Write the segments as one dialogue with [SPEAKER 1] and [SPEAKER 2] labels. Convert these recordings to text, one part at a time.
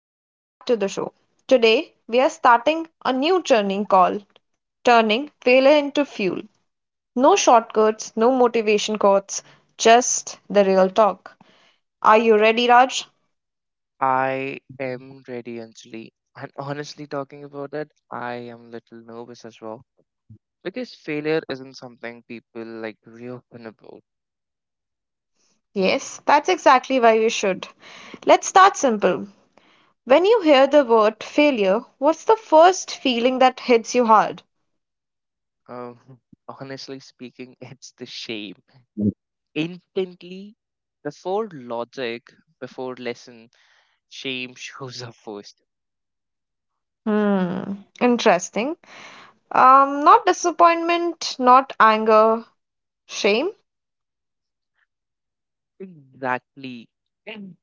[SPEAKER 1] Welcome back to the show. Today, we are starting a new journey called Turning Failure into Fuel. No shortcuts, no motivation quotes, just the real talk. Are you ready, Raj?
[SPEAKER 2] I am ready, Anjali. And honestly, talking about that, I am a little nervous as well because failure isn't something people like reopen about.
[SPEAKER 1] Yes, that's exactly why we should. Let's start simple. When you hear the word failure, what's the first feeling that hits you hard?
[SPEAKER 2] Um, honestly speaking, it's the shame. Instantly, before logic, before lesson, shame shows up first.
[SPEAKER 1] Hmm, interesting. Not disappointment, not anger, shame.
[SPEAKER 2] Exactly. And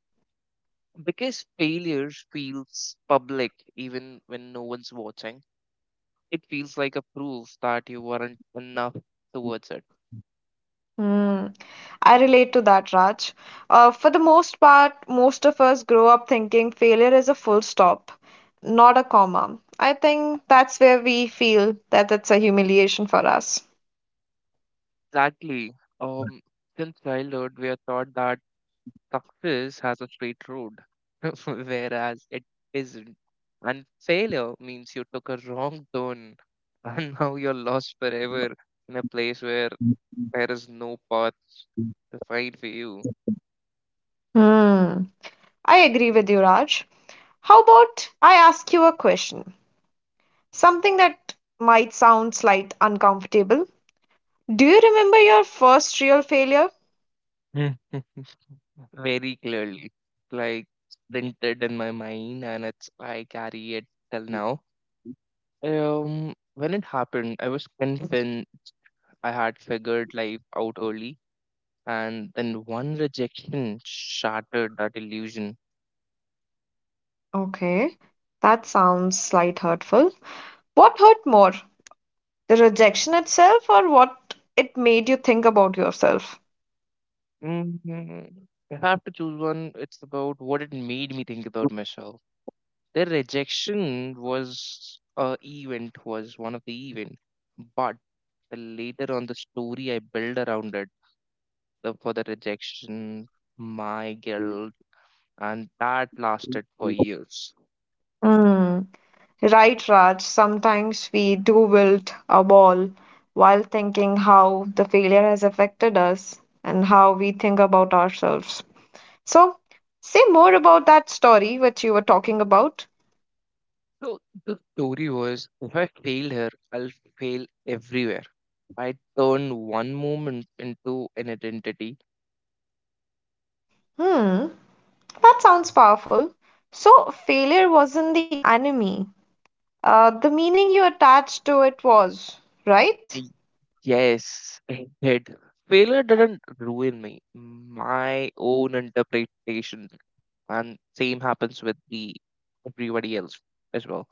[SPEAKER 2] because failure feels public even when no one's watching, it feels like a proof that you weren't enough towards it.
[SPEAKER 1] Hmm. I relate to that, Raj. For the most part, most of us grow up thinking failure is a full stop, not a comma. I think that's where we feel that it's a humiliation for us.
[SPEAKER 2] Exactly. Um, since childhood, we are taught that success has a straight road, whereas it isn't. And failure means you took a wrong turn, and now you're lost forever in a place where there is no path to find for you.
[SPEAKER 1] Hmm. I agree with you, Raj. How about I ask you a question? Something that might sound slight uncomfortable. Do you remember your first real failure?
[SPEAKER 2] Very clearly, like printed in my mind, and it's I carry it till now. When it happened, I was convinced I had figured life out early and then one rejection shattered that illusion.
[SPEAKER 1] Okay, that sounds slight hurtful. What hurt more, the rejection itself or what it made you think about yourself?
[SPEAKER 2] Mhm. If I have to choose one, it's about what it made me think about myself. The rejection was a event, was one of the event, but the later on the story I built around it, the for the rejection, my guilt, and that lasted for years.
[SPEAKER 1] Hmm. Right, Raj, sometimes we do wilt a ball while thinking how the failure has affected us and how we think about ourselves. So, say more about that story which you were talking about.
[SPEAKER 2] So the story was if I fail here, I'll fail everywhere. I turn one moment into an identity.
[SPEAKER 1] Hmm, that sounds powerful. So, failure wasn't the enemy. The meaning you attached to it was, right?
[SPEAKER 2] I- Yes, I did. Failure didn't ruin me. My own interpretation. And same happens with the everybody else as well.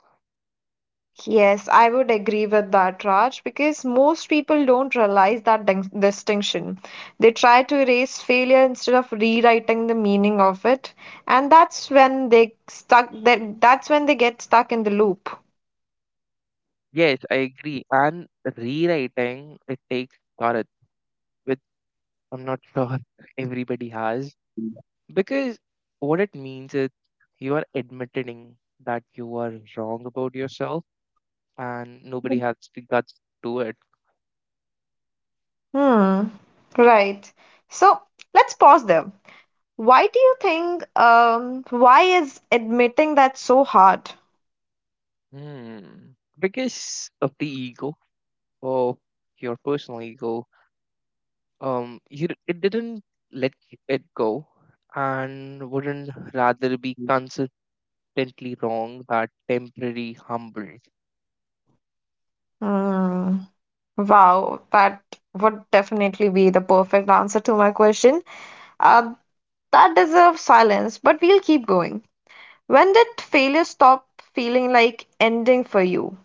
[SPEAKER 1] Yes, I would agree with that, Raj, because most people don't realize that distinction. They try to erase failure instead of rewriting the meaning of it, and that's when they stuck that that's when they get stuck in the loop.
[SPEAKER 2] Yes, I agree. And rewriting it takes courage, which I'm not sure everybody has. Because what it means is you are admitting that you are wrong about yourself and nobody has the guts to do it.
[SPEAKER 1] Hmm. Right. So let's pause there. Why do you think why is admitting that so hard?
[SPEAKER 2] Hmm. Because of the ego, of your personal ego, it didn't let it go and wouldn't rather be consistently wrong that temporary humble.
[SPEAKER 1] Hmm. Wow, that would definitely be the perfect answer to my question. Uh, that deserves silence, but we'll keep going. When did failure stop feeling like ending for you?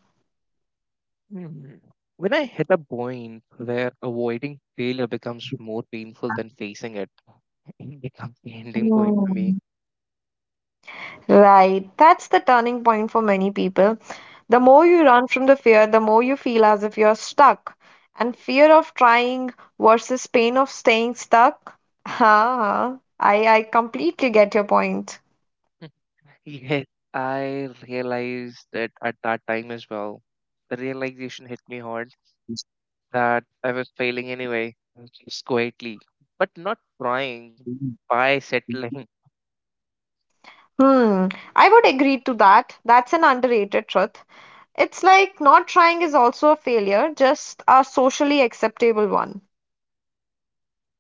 [SPEAKER 2] Mhm. When I hit a point where avoiding failure becomes more painful than facing it, it becomes the ending point for me.
[SPEAKER 1] Hmm. Right, that's the turning point for many people. The more you run from the fear, the more you feel as if you're stuck. And fear of trying versus pain of staying stuck. Huh, I completely get your point.
[SPEAKER 2] Yes, I realized that at that time as well. The realization hit me hard that I was failing anyway, just quietly, but not crying. By settling.
[SPEAKER 1] Hmm, I would agree to that. That's an underrated truth. It's like not trying is also a failure, just a socially acceptable one.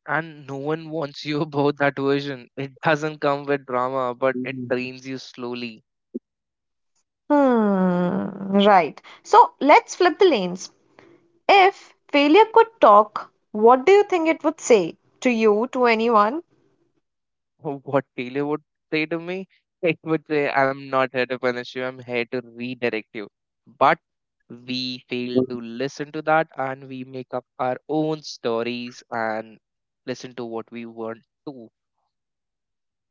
[SPEAKER 2] And no one wants you about that version. It doesn't come with drama, but it drains you slowly.
[SPEAKER 1] Hmm, right. So let's flip the lanes. If failure could talk, what do you think it would say to you, to anyone?
[SPEAKER 2] What Taylor would say to me, it would say, I'm not here to punish you, I'm here to redirect you. But we fail to listen to that and we make up our own stories and listen to what we want to.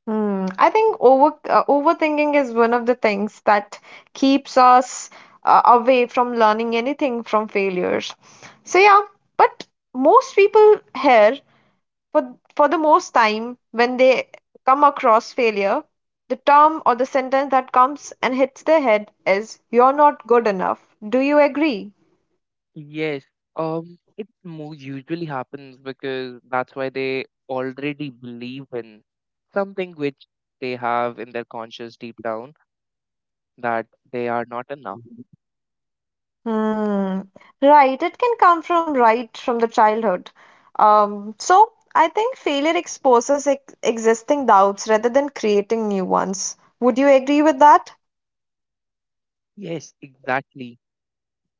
[SPEAKER 1] Hmm, I think overthinking is one of the things that keeps us away from learning anything from failures. So yeah, but most people here for the most time, when they come across failure, the term or the sentence that comes and hits their head is, you're not good enough. Do you agree?
[SPEAKER 2] Yes. Usually happens because that's why they already believe in something which they have in their conscious deep down that they are not enough.
[SPEAKER 1] Hmm. Right. It can come from right from the childhood. So I think failure exposes ex existing doubts rather than creating new ones. Would you agree with that?
[SPEAKER 2] Yes, exactly.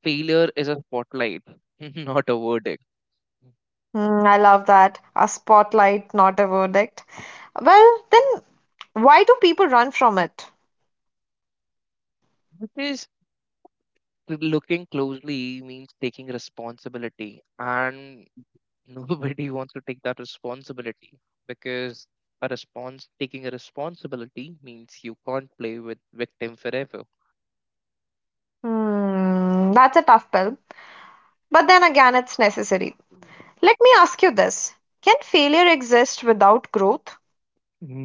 [SPEAKER 2] Failure is a spotlight, not a verdict.
[SPEAKER 1] Hmm, I love that. A spotlight, not a verdict. Well, then why do people run from it?
[SPEAKER 2] Because looking closely means taking responsibility, and nobody wants to take that responsibility because a response taking a responsibility means you can't play with victim forever.
[SPEAKER 1] Hmm, that's a tough pill. But then again, it's necessary. Let me ask you this. Can failure exist without growth?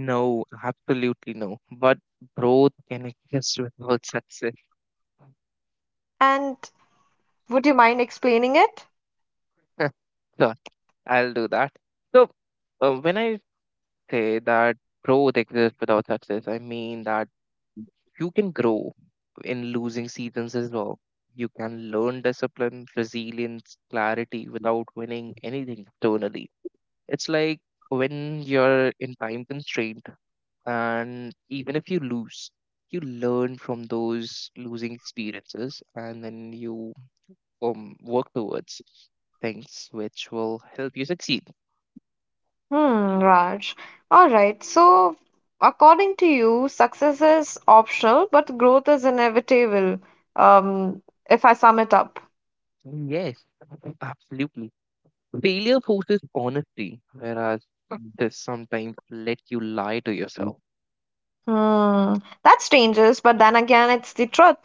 [SPEAKER 2] No, absolutely no. But growth can exist without success.
[SPEAKER 1] And would you mind explaining it?
[SPEAKER 2] Sure, I'll do that. So, when I say that growth exists without success, I mean that you can grow in losing seasons as well. You can learn discipline, resilience, clarity without winning anything externally. It's like when you're in time constraint, and even if you lose, you learn from those losing experiences and then you work towards things which will help you succeed.
[SPEAKER 1] Hmm, Raj. All right. So, according to you, success is optional, but growth is inevitable. Um, if I sum it up.
[SPEAKER 2] Yes, absolutely. Failure forces honesty, whereas this sometimes let you lie to yourself.
[SPEAKER 1] Hmm, that changes, but then again, it's the truth.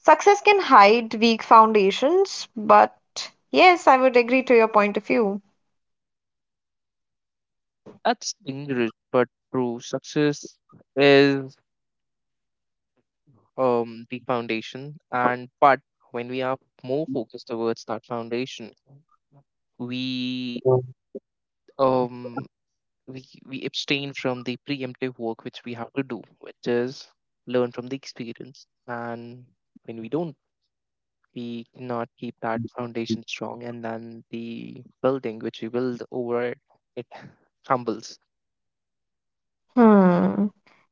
[SPEAKER 1] Success can hide weak foundations, but yes, I would agree to your point of view.
[SPEAKER 2] That's dangerous but true. Success is the foundation, and but when we are more focused towards that foundation, we um we abstain from the preemptive work which we have to do, which is learn from the experience. And when we don't, we cannot keep that foundation strong, and then the building which we build over it crumbles.
[SPEAKER 1] Hmm.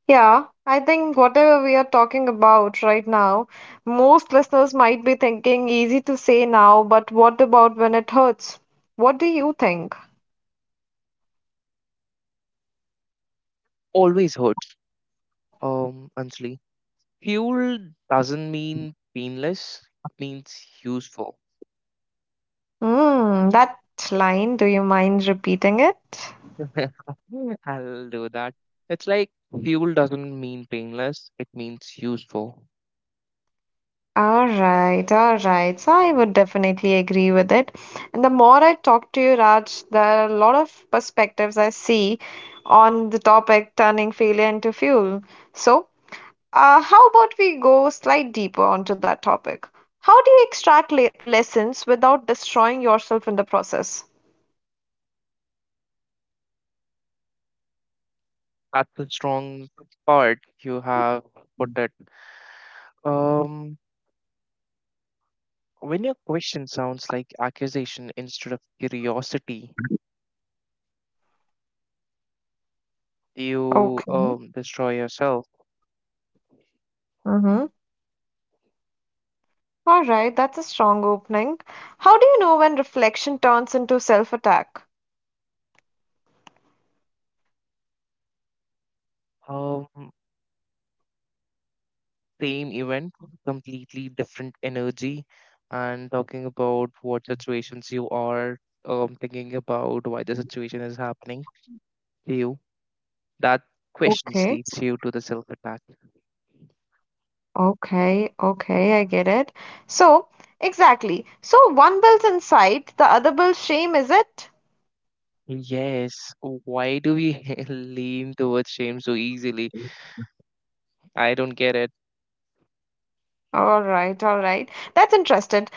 [SPEAKER 1] Yeah, I think whatever we are talking about right now, most listeners might be thinking easy to say now, but what about when it hurts? What do you think?
[SPEAKER 2] Always hurts. Anjali. Fuel doesn't mean painless, it means useful.
[SPEAKER 1] Hmm, that line, do you mind repeating it?
[SPEAKER 2] I'll do that. It's like fuel doesn't mean painless, it means useful.
[SPEAKER 1] All right, all right. So I would definitely agree with it. And the more I talk to you, Raj, there are a lot of perspectives I see on the topic turning failure into fuel. So, how about we go slight deeper onto that topic? How do you extract le lessons without destroying yourself in the process?
[SPEAKER 2] That's the strong part you have put it. Um, when your question sounds like accusation instead of curiosity, you
[SPEAKER 1] Okay.
[SPEAKER 2] destroy yourself.
[SPEAKER 1] Mm-hmm. All right, that's a strong opening. How do you know when reflection turns into self-attack?
[SPEAKER 2] Um, Same event, completely different energy, and talking about what situations you are thinking about, why the situation is happening to you. That questions
[SPEAKER 1] Okay,
[SPEAKER 2] leads you to the self attack.
[SPEAKER 1] okay, I get it. So, exactly. So, one builds insight, the other builds shame, is it?
[SPEAKER 2] Yes, why do we lean towards shame so easily? I don't get it.
[SPEAKER 1] All right, all right. That's interesting.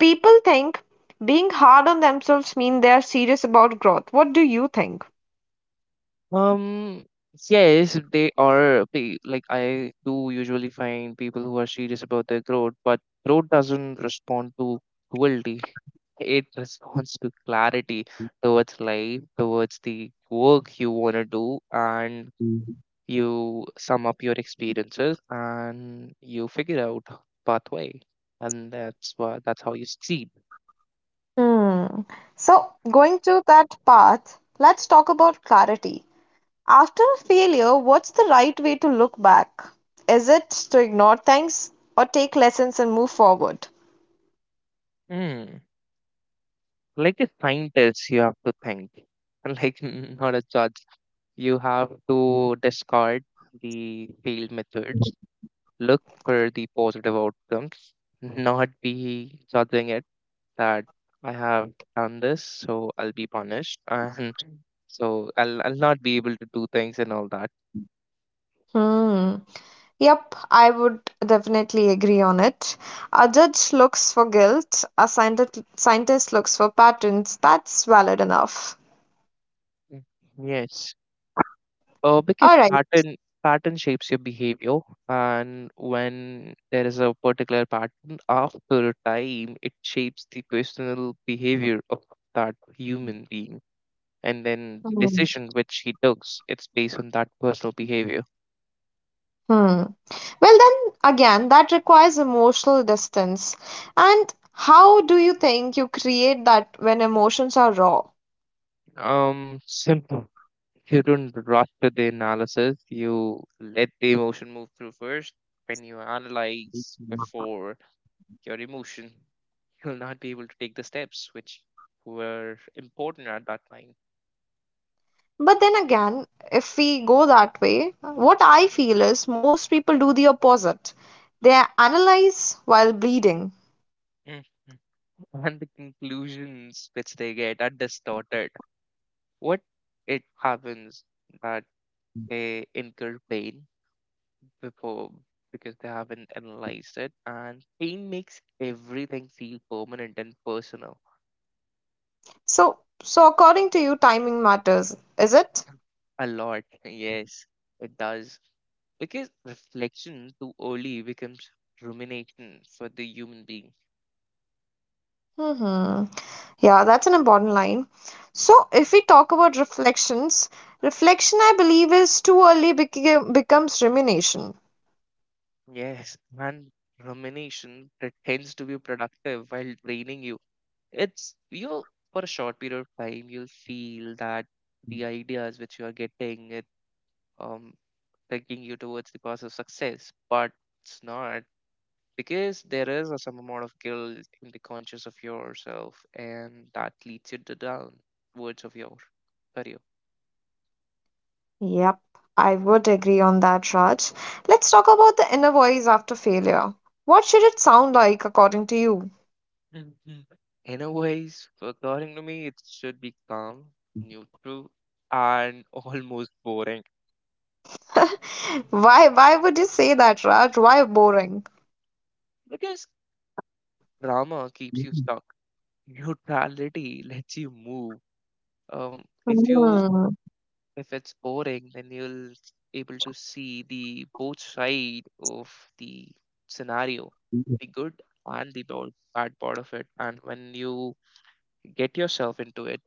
[SPEAKER 1] People think being hard on themselves mean they are serious about growth. What do you think?
[SPEAKER 2] Um, yes, they are. Like I do usually find people who are serious about their growth, but growth doesn't respond to cruelty. It responds to clarity towards life, towards the work you want to do, and you sum up your experiences and you figure out pathway, and that's how you succeed.
[SPEAKER 1] Hmm. So, going to that path, let's talk about clarity. After a failure, what's the right way to look back? Is it to ignore things or take lessons and move forward?
[SPEAKER 2] Mm. Like a scientist, you have to think, and like not a judge. You have to discard the failed methods, look for the positive outcomes, not be judging it that I have done this, so I'll be punished, and so I'll not be able to do things and all that.
[SPEAKER 1] Hmm. Yep, I would definitely agree on it. A judge looks for guilt, a scientist looks for patterns. That's valid enough.
[SPEAKER 2] Mm. Yes. Because
[SPEAKER 1] All right.
[SPEAKER 2] pattern shapes your behavior, and when there is a particular pattern, after a time, it shapes the personal behavior of that human being. And then the
[SPEAKER 1] Hmm.
[SPEAKER 2] decision which he takes it's based on that personal behavior.
[SPEAKER 1] Hmm. Well, then again, that requires emotional distance. And how do you think you create that when emotions are raw?
[SPEAKER 2] um Simple. You don't rush to the analysis. You let the emotion move through first. When you analyze before your emotion, you'll not be able to take the steps which were important at that time.
[SPEAKER 1] But then again, if we go that way, what I feel is most people do the opposite. They analyze while bleeding.
[SPEAKER 2] Mm, mm. And the conclusions which they get are distorted. What it happens that they incur pain before because they haven't analyzed it. And pain makes everything feel permanent and personal.
[SPEAKER 1] So, according to you, timing matters, is it?
[SPEAKER 2] A lot, yes, it does. Because reflection too early becomes rumination for the human being.
[SPEAKER 1] Hmm, yeah, that's an important line. So, if we talk about reflections, reflection, I believe, is too early becomes rumination.
[SPEAKER 2] Yes, and rumination pretends to be productive while draining you. It's you for a short period of time you'll feel that the ideas which you are getting it um taking you towards the cause of success, but it's not. Because there is some amount of guilt in the conscious of yourself and that leads you to downwards of your career.
[SPEAKER 1] Yep, I would agree on that, Raj. Let's talk about the inner voice after failure. What should it sound like according to you?
[SPEAKER 2] Mhm. In a ways according to me it should be calm, neutral, and almost boring.
[SPEAKER 1] Why would you say that, Raj? Why boring?
[SPEAKER 2] Because drama keeps you stuck, neutrality lets you move. um if you
[SPEAKER 1] Hmm.
[SPEAKER 2] if it's boring, then you'll able to see the both side of the scenario, the good and the bad part of it. And when you get yourself into it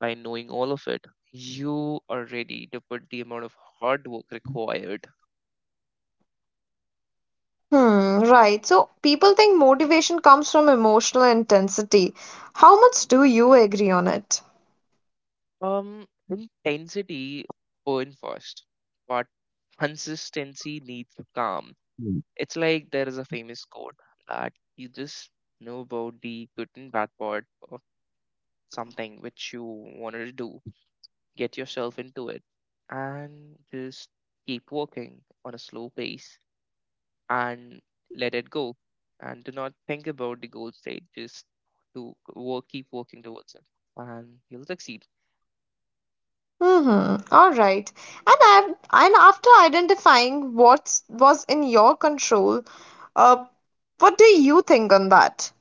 [SPEAKER 2] by knowing all of it, you are ready to put the amount of hard work required.
[SPEAKER 1] Hmm, right. So people think motivation comes from emotional intensity. How much do you agree on it?
[SPEAKER 2] Intensity burn first, but consistency needs calm. It's like there is a famous quote that you just know about the good and bad part of. Something which you wanted to do, get yourself into it, and just keep working on a slow pace and let it go. And do not think about the goal state, just to work, keep working towards it, and you'll succeed.
[SPEAKER 1] Mm-hmm. All right. And I've, and after identifying what was in your control, uh, what do you think on that?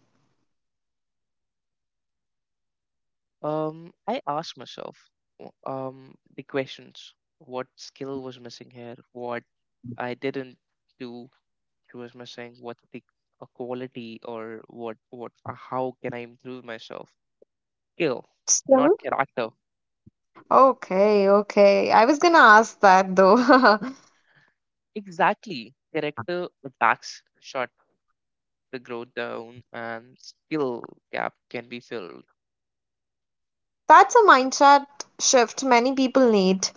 [SPEAKER 2] I asked myself the questions what skill was missing here, what I didn't do, which was missing, what the a quality or what how can I improve myself? Skill, not
[SPEAKER 1] Strength.
[SPEAKER 2] character.
[SPEAKER 1] Okay, okay. I was gonna ask that though.
[SPEAKER 2] Exactly. Character attacks shut the growth down and skill gap can be filled.
[SPEAKER 1] That's a mindset shift many people need.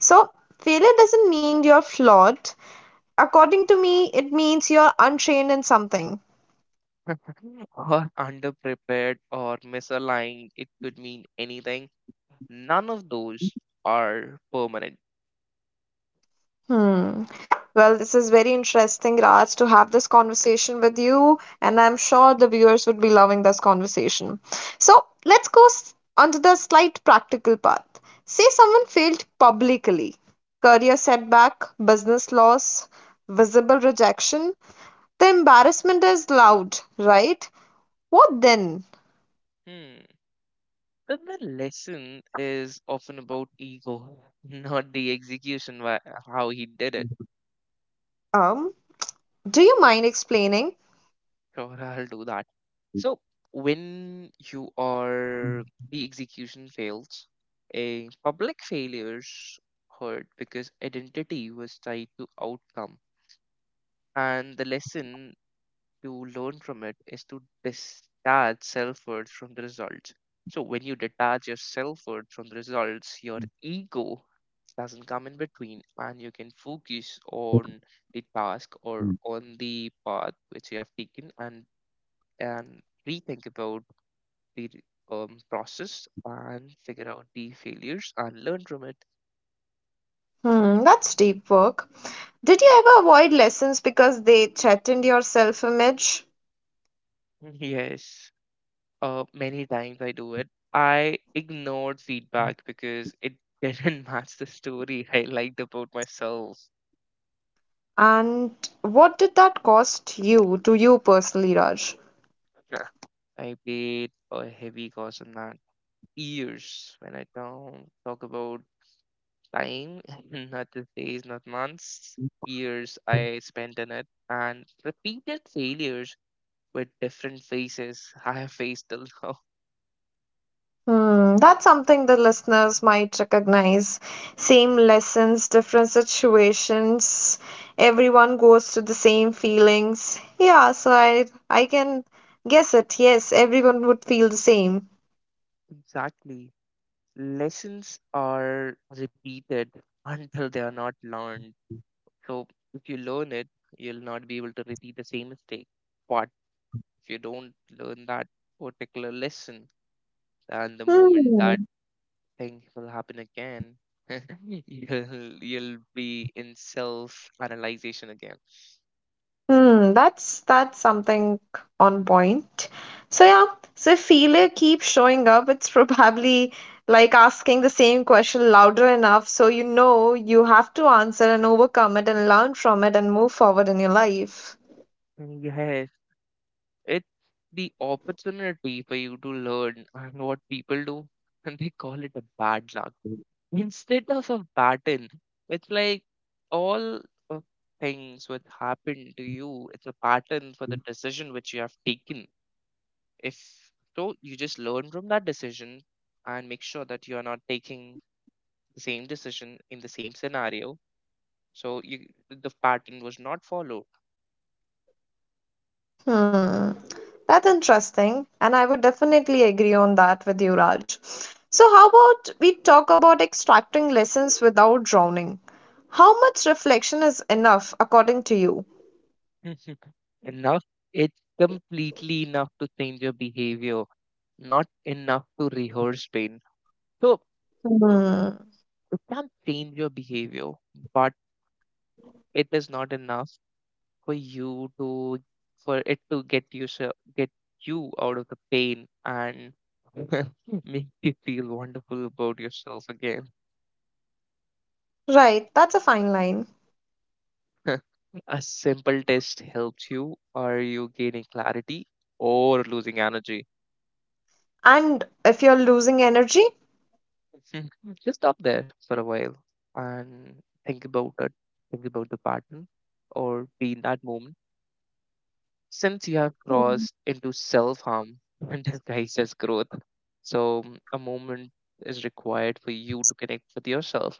[SPEAKER 1] So, failure doesn't mean you're flawed. According to me, it means you're untrained in something.
[SPEAKER 2] Or underprepared or misaligned, it could mean anything. None of those are permanent.
[SPEAKER 1] Hmm. Well, this is very interesting, Raj, to have this conversation with you, and I'm sure the viewers would be loving this conversation. So let's go onto the slight practical path. Say someone failed publicly, career setback, business loss, visible rejection. The embarrassment is loud, right? What then?
[SPEAKER 2] Hmm. Then the lesson is often about ego, not the execution, how he did it.
[SPEAKER 1] Um, do you mind explaining?
[SPEAKER 2] Sure, I'll do that. So when you are the execution fails, a public failures hurt because identity was tied to outcome, and the lesson to learn from it is to detach self-worth from the results. So when you detach your self-worth from the results, your ego doesn't come in between, and you can focus on the task or on the path which you have taken and and rethink about the process and figure out the failures and learn from it.
[SPEAKER 1] Hmm, that's deep work. Did you ever avoid lessons because they threatened your self-image?
[SPEAKER 2] Yes, many times I do it. I ignored feedback because it didn't match the story I liked about myself.
[SPEAKER 1] And what did that cost you, to you personally, Raj?
[SPEAKER 2] Yeah. I paid a heavy cost on that years when I don't talk about time, not the days, not months, years I spent on it, and repeated failures with different faces, I have faced till now.
[SPEAKER 1] Hmm, that's something the listeners might recognize. Same lessons, different situations. Everyone goes through the same feelings. Yeah, so I can guess it. Yes, everyone would feel the same.
[SPEAKER 2] Exactly. Lessons are repeated until they are not learned. So if you learn it, you'll not be able to repeat the same mistake. But if you don't learn that particular lesson, then the moment that
[SPEAKER 1] Hmm.
[SPEAKER 2] thing will happen again, you'll be in self analyzation again.
[SPEAKER 1] Hmm, that's something on point. So yeah, so if failure keeps showing up, it's probably like asking the same question louder enough so you know you have to answer and overcome it and learn from it and move forward in your life.
[SPEAKER 2] Mm. Yes. It's the opportunity for you to learn, and what people do, and they call it a bad luck. Instead of a pattern, it's like all of things which happen to you, it's a pattern for the decision which you have taken. If so, you just learn from that decision and make sure that you are not taking the same decision in the same scenario. The pattern was not followed.
[SPEAKER 1] Hmm, that's interesting, and I would definitely agree on that with you, Raj. So how about we talk about extracting lessons without drowning? How much reflection is enough according to you?
[SPEAKER 2] Mhm. Enough. It's completely enough to change your behavior, not enough to rehearse pain. So
[SPEAKER 1] Hmm.
[SPEAKER 2] it can change your behavior, but it is not enough for you to for it to get you get you out of the pain and make you feel wonderful about yourself again.
[SPEAKER 1] Right, that's a fine line.
[SPEAKER 2] A simple test helps. You are you gaining clarity or losing energy?
[SPEAKER 1] And if you're losing energy,
[SPEAKER 2] Mhm. Just stop there for a while and think about it. Think about the pattern or be in that moment. Since you have
[SPEAKER 1] mm.
[SPEAKER 2] crossed into self harm and disguised as growth, so a moment is required for you to connect with yourself.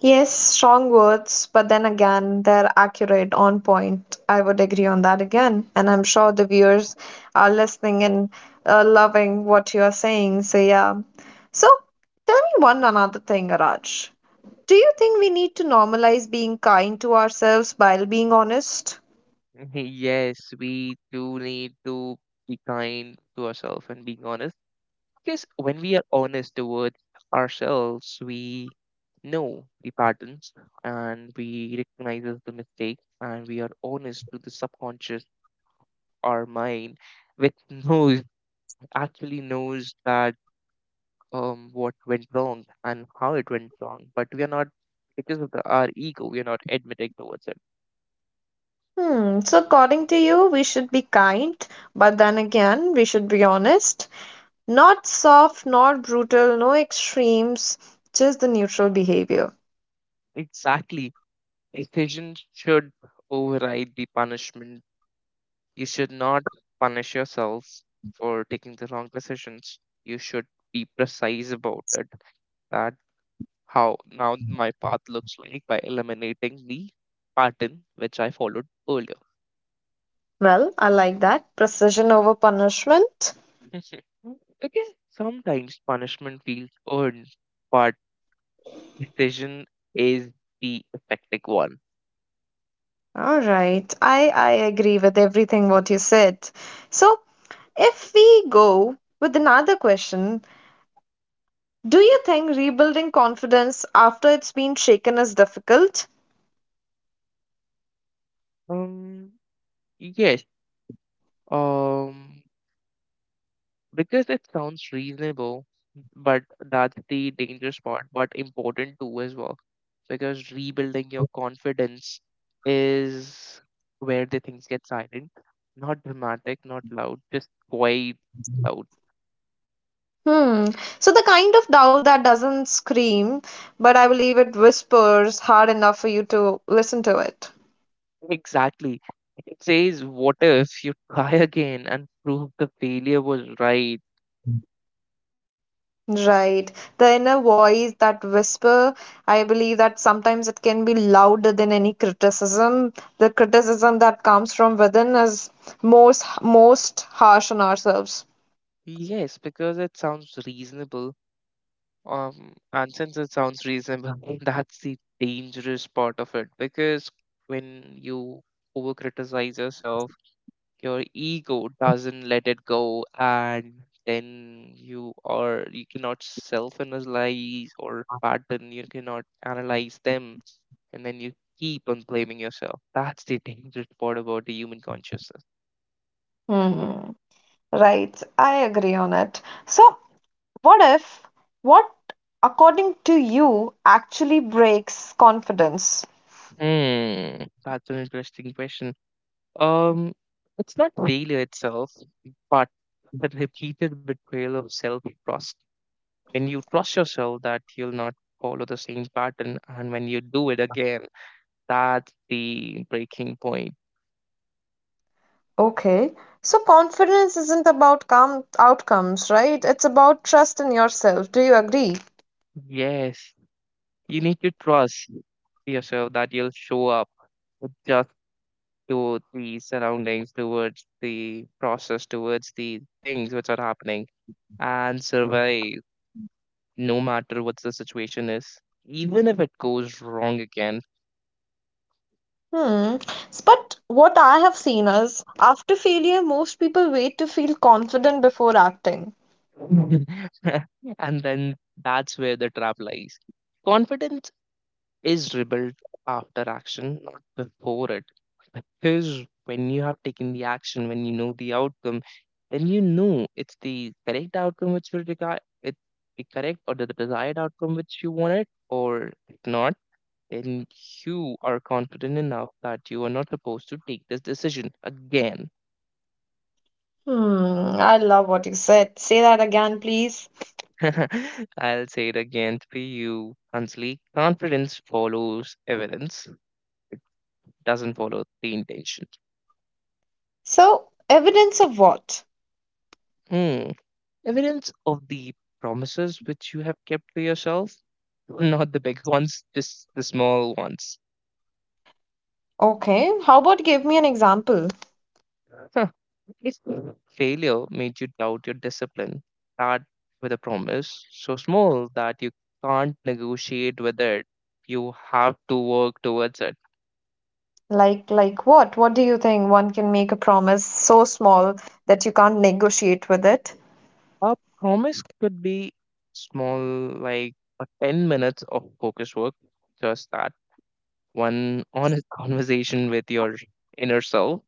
[SPEAKER 1] Yes, strong words, but then again, they're accurate, on point. I would agree on that again. And I'm sure the viewers are listening and loving what you are saying. So, yeah. So, tell me one another thing, Raj. Do you think we need to normalize being kind to ourselves while being honest?
[SPEAKER 2] Yes, we do need to be kind to ourselves and being honest. Because when we are honest towards ourselves, we know the patterns and we recognize the mistakes, and we are honest to the subconscious, our mind, which knows that what went wrong and how it went wrong. But we are not, because of our ego, we are not admitting towards it.
[SPEAKER 1] Hmm, so according to you, we should be kind, but then again, we should be honest. Not soft, not brutal, no extremes, just the neutral behavior.
[SPEAKER 2] Exactly. Decision should override the punishment. You should not punish yourselves for taking the wrong decisions. You should be precise about it. That how now my path looks like, by eliminating the pattern which I followed earlier.
[SPEAKER 1] Well, I like that. Precision over punishment.
[SPEAKER 2] Okay. Sometimes punishment feels earned, but decision is the effective one.
[SPEAKER 1] All right. I agree with everything what you said. So, if we go with another question, do you think rebuilding confidence after it's been shaken is difficult?
[SPEAKER 2] Um, yes. Um, because it sounds reasonable, but that's the dangerous part, but important too as well. Because rebuilding your confidence is where the things get silent, not dramatic, not loud, just quite loud.
[SPEAKER 1] Hmm. So the kind of doubt that doesn't scream, but I believe it whispers hard enough for you to listen to it.
[SPEAKER 2] Exactly. It says, "What if you try again and prove the failure was right?"
[SPEAKER 1] Right. The inner voice, that whisper, I believe that sometimes it can be louder than any criticism. The criticism that comes from within is most harsh on ourselves.
[SPEAKER 2] Yes, because it sounds reasonable. And since it sounds reasonable, that's the dangerous part of it, because when you over criticize yourself, your ego doesn't let it go, and then you cannot self analyze, or pattern, you cannot analyze them, and then you keep on blaming yourself. That's the dangerous part about the human consciousness.
[SPEAKER 1] Hmm. Right. I agree on it. So, what if, what, according to you, actually breaks confidence?
[SPEAKER 2] Hmm, that's an interesting question. Um, it's not failure itself, but the repeated betrayal of self trust. When you trust yourself that you'll not follow the same pattern, and when you do it again, that's the breaking point.
[SPEAKER 1] Okay. So confidence isn't about com outcomes, right? It's about trust in yourself. Do you agree?
[SPEAKER 2] Yes, you need to trust yourself that you'll show up just to the surroundings, towards the process, towards the things which are happening, and survive. No matter what the situation is, even if it goes wrong again.
[SPEAKER 1] Hmm. But what I have seen is after failure, most people wait to feel confident before acting.
[SPEAKER 2] And then that's where the trap lies. Confidence is rebuilt after action, not before it. Because when you have taken the action, when you know the outcome, then you know it's the correct outcome which will regard it's the correct or the desired outcome which you wanted, or if not, then you are confident enough that you are not supposed to take this decision again.
[SPEAKER 1] Hmm. I love what you said. Say that again, please.
[SPEAKER 2] I'll say it again to you, Anjali. Confidence follows evidence. It doesn't follow the intention.
[SPEAKER 1] So, evidence of what?
[SPEAKER 2] Hmm. Evidence of the promises which you have kept to yourself, not the big ones, just the small ones.
[SPEAKER 1] Okay. How about give me an example?
[SPEAKER 2] Huh. If failure made you doubt your discipline, start with a promise so small that you can't negotiate with it. You have to work towards it.
[SPEAKER 1] Like what? What do you think one can make a promise so small that you can't negotiate with it?
[SPEAKER 2] A promise could be small, like a 10 minutes of focus work, just that one honest conversation with your inner self,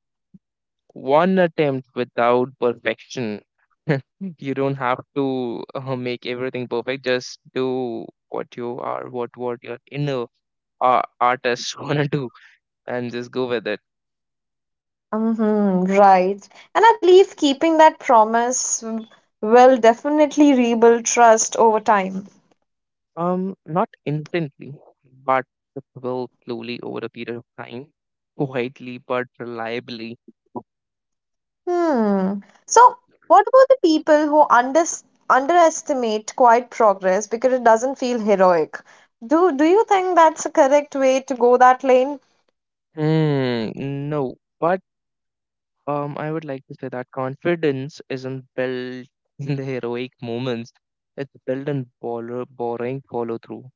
[SPEAKER 2] one attempt without perfection. You don't have to make everything perfect, just do what your inner artist want to do, and just go with it.
[SPEAKER 1] Mm-hmm, right. And I believe keeping that promise will definitely rebuild trust over time.
[SPEAKER 2] Not instantly, but it will, slowly over a period of time, quietly but reliably.
[SPEAKER 1] Hmm. So, what about the people who underestimate quiet progress because it doesn't feel heroic? Do you think that's a correct way to go that lane?
[SPEAKER 2] Hmm, no, but I would like to say that confidence isn't built in the heroic moments. It's built in boring follow through.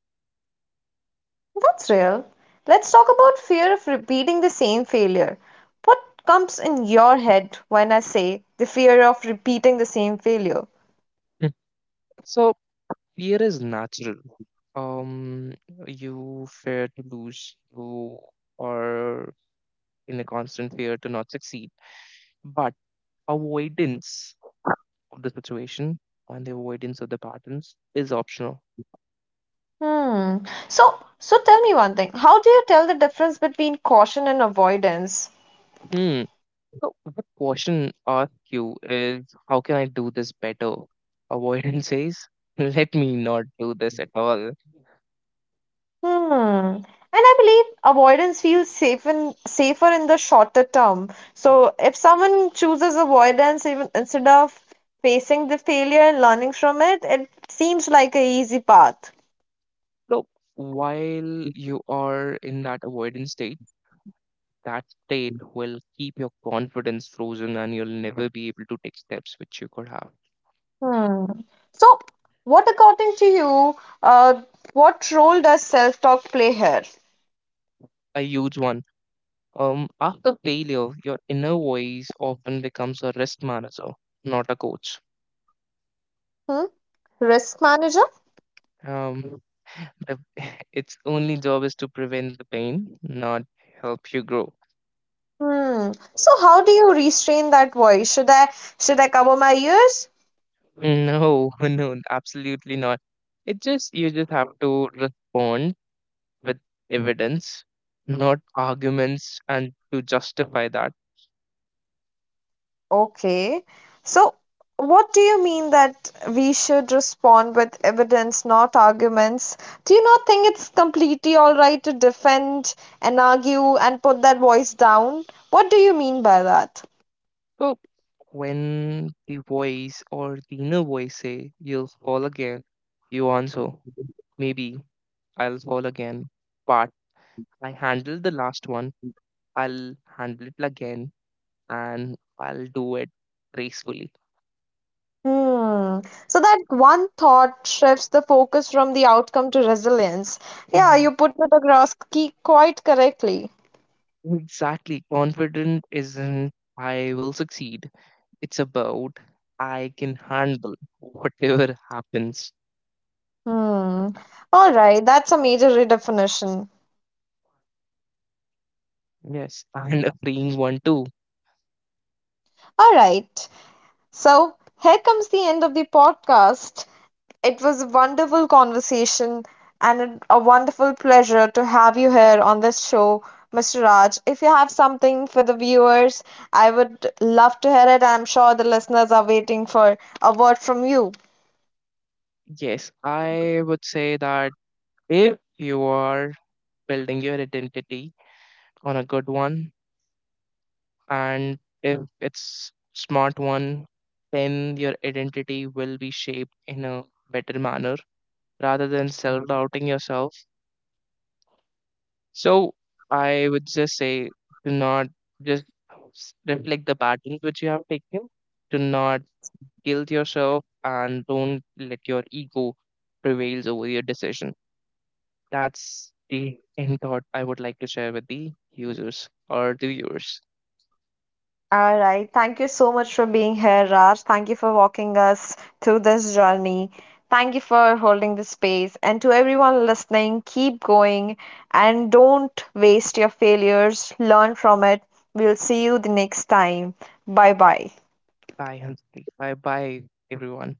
[SPEAKER 1] That's real. Let's talk about fear of repeating the same failure. What comes in your head when I say the fear of repeating the same failure?
[SPEAKER 2] So fear is natural. Um, you fear to lose, you are in a constant fear to not succeed. But avoidance of the situation and the avoidance of the patterns is optional.
[SPEAKER 1] Hmm. So, so tell me one thing. How do you tell the difference between caution and avoidance?
[SPEAKER 2] Hmm. So what question ask you is, how can I do this better? Avoidance says, let me not do this at all.
[SPEAKER 1] Hmm. And I believe avoidance feels safe in, safer in the shorter term. So if someone chooses avoidance even instead of facing the failure and learning from it, it seems like a easy path.
[SPEAKER 2] So while you are in that avoidance state, that state will keep your confidence frozen and you'll never be able to take steps which you could have.
[SPEAKER 1] Hmm. So what according to you, uh, what role does self-talk play here?
[SPEAKER 2] A huge one. After failure, your inner voice often becomes a risk manager, not a coach.
[SPEAKER 1] Hmm? Risk manager?
[SPEAKER 2] Um, the, its only job is to prevent the pain, not help you grow.
[SPEAKER 1] Hmm. So how do you restrain that voice? Should I cover my ears?
[SPEAKER 2] No, no, absolutely not. It just you just have to respond with evidence, not arguments, and to justify that.
[SPEAKER 1] Okay. So, what do you mean that we should respond with evidence, not arguments? Do you not think it's completely all right to defend and argue and put that voice down? What do you mean by that?
[SPEAKER 2] So when the voice or the inner voice say you'll fall again, you answer, maybe I'll fall again, but I handled the last one, I'll handle it again, and I'll do it gracefully.
[SPEAKER 1] Hmm. So that one thought shifts the focus from the outcome to resilience. Yeah,
[SPEAKER 2] Ex-
[SPEAKER 1] you put it across key quite correctly.
[SPEAKER 2] Exactly. Confident isn't "I will succeed." It's about "I can handle whatever happens."
[SPEAKER 1] Hmm. All right, that's a major redefinition.
[SPEAKER 2] Yes, and a freeing one too.
[SPEAKER 1] All right. So here comes the end of the podcast. It was a wonderful conversation and a wonderful pleasure to have you here on this show, Mr. Raj. If you have something for the viewers, I would love to hear it. I'm sure the listeners are waiting for a word from you.
[SPEAKER 2] Yes, I would say that if you are building your identity on a good one, and if it's smart one, then your identity will be shaped in a better manner rather than self-doubting yourself. So I would just say, do not just reflect the patterns which you have taken. Do not guilt yourself, and don't let your ego prevails over your decision. That's the end thought I would like to share with the users or the viewers.
[SPEAKER 1] All right. Thank you so much for being here, Raj. Thank you for walking us through this journey. Thank you for holding the space. And to everyone listening, keep going and don't waste your failures. Learn from it. We'll see you the next time. Bye bye.
[SPEAKER 2] Bye, Hansi. Bye bye, everyone.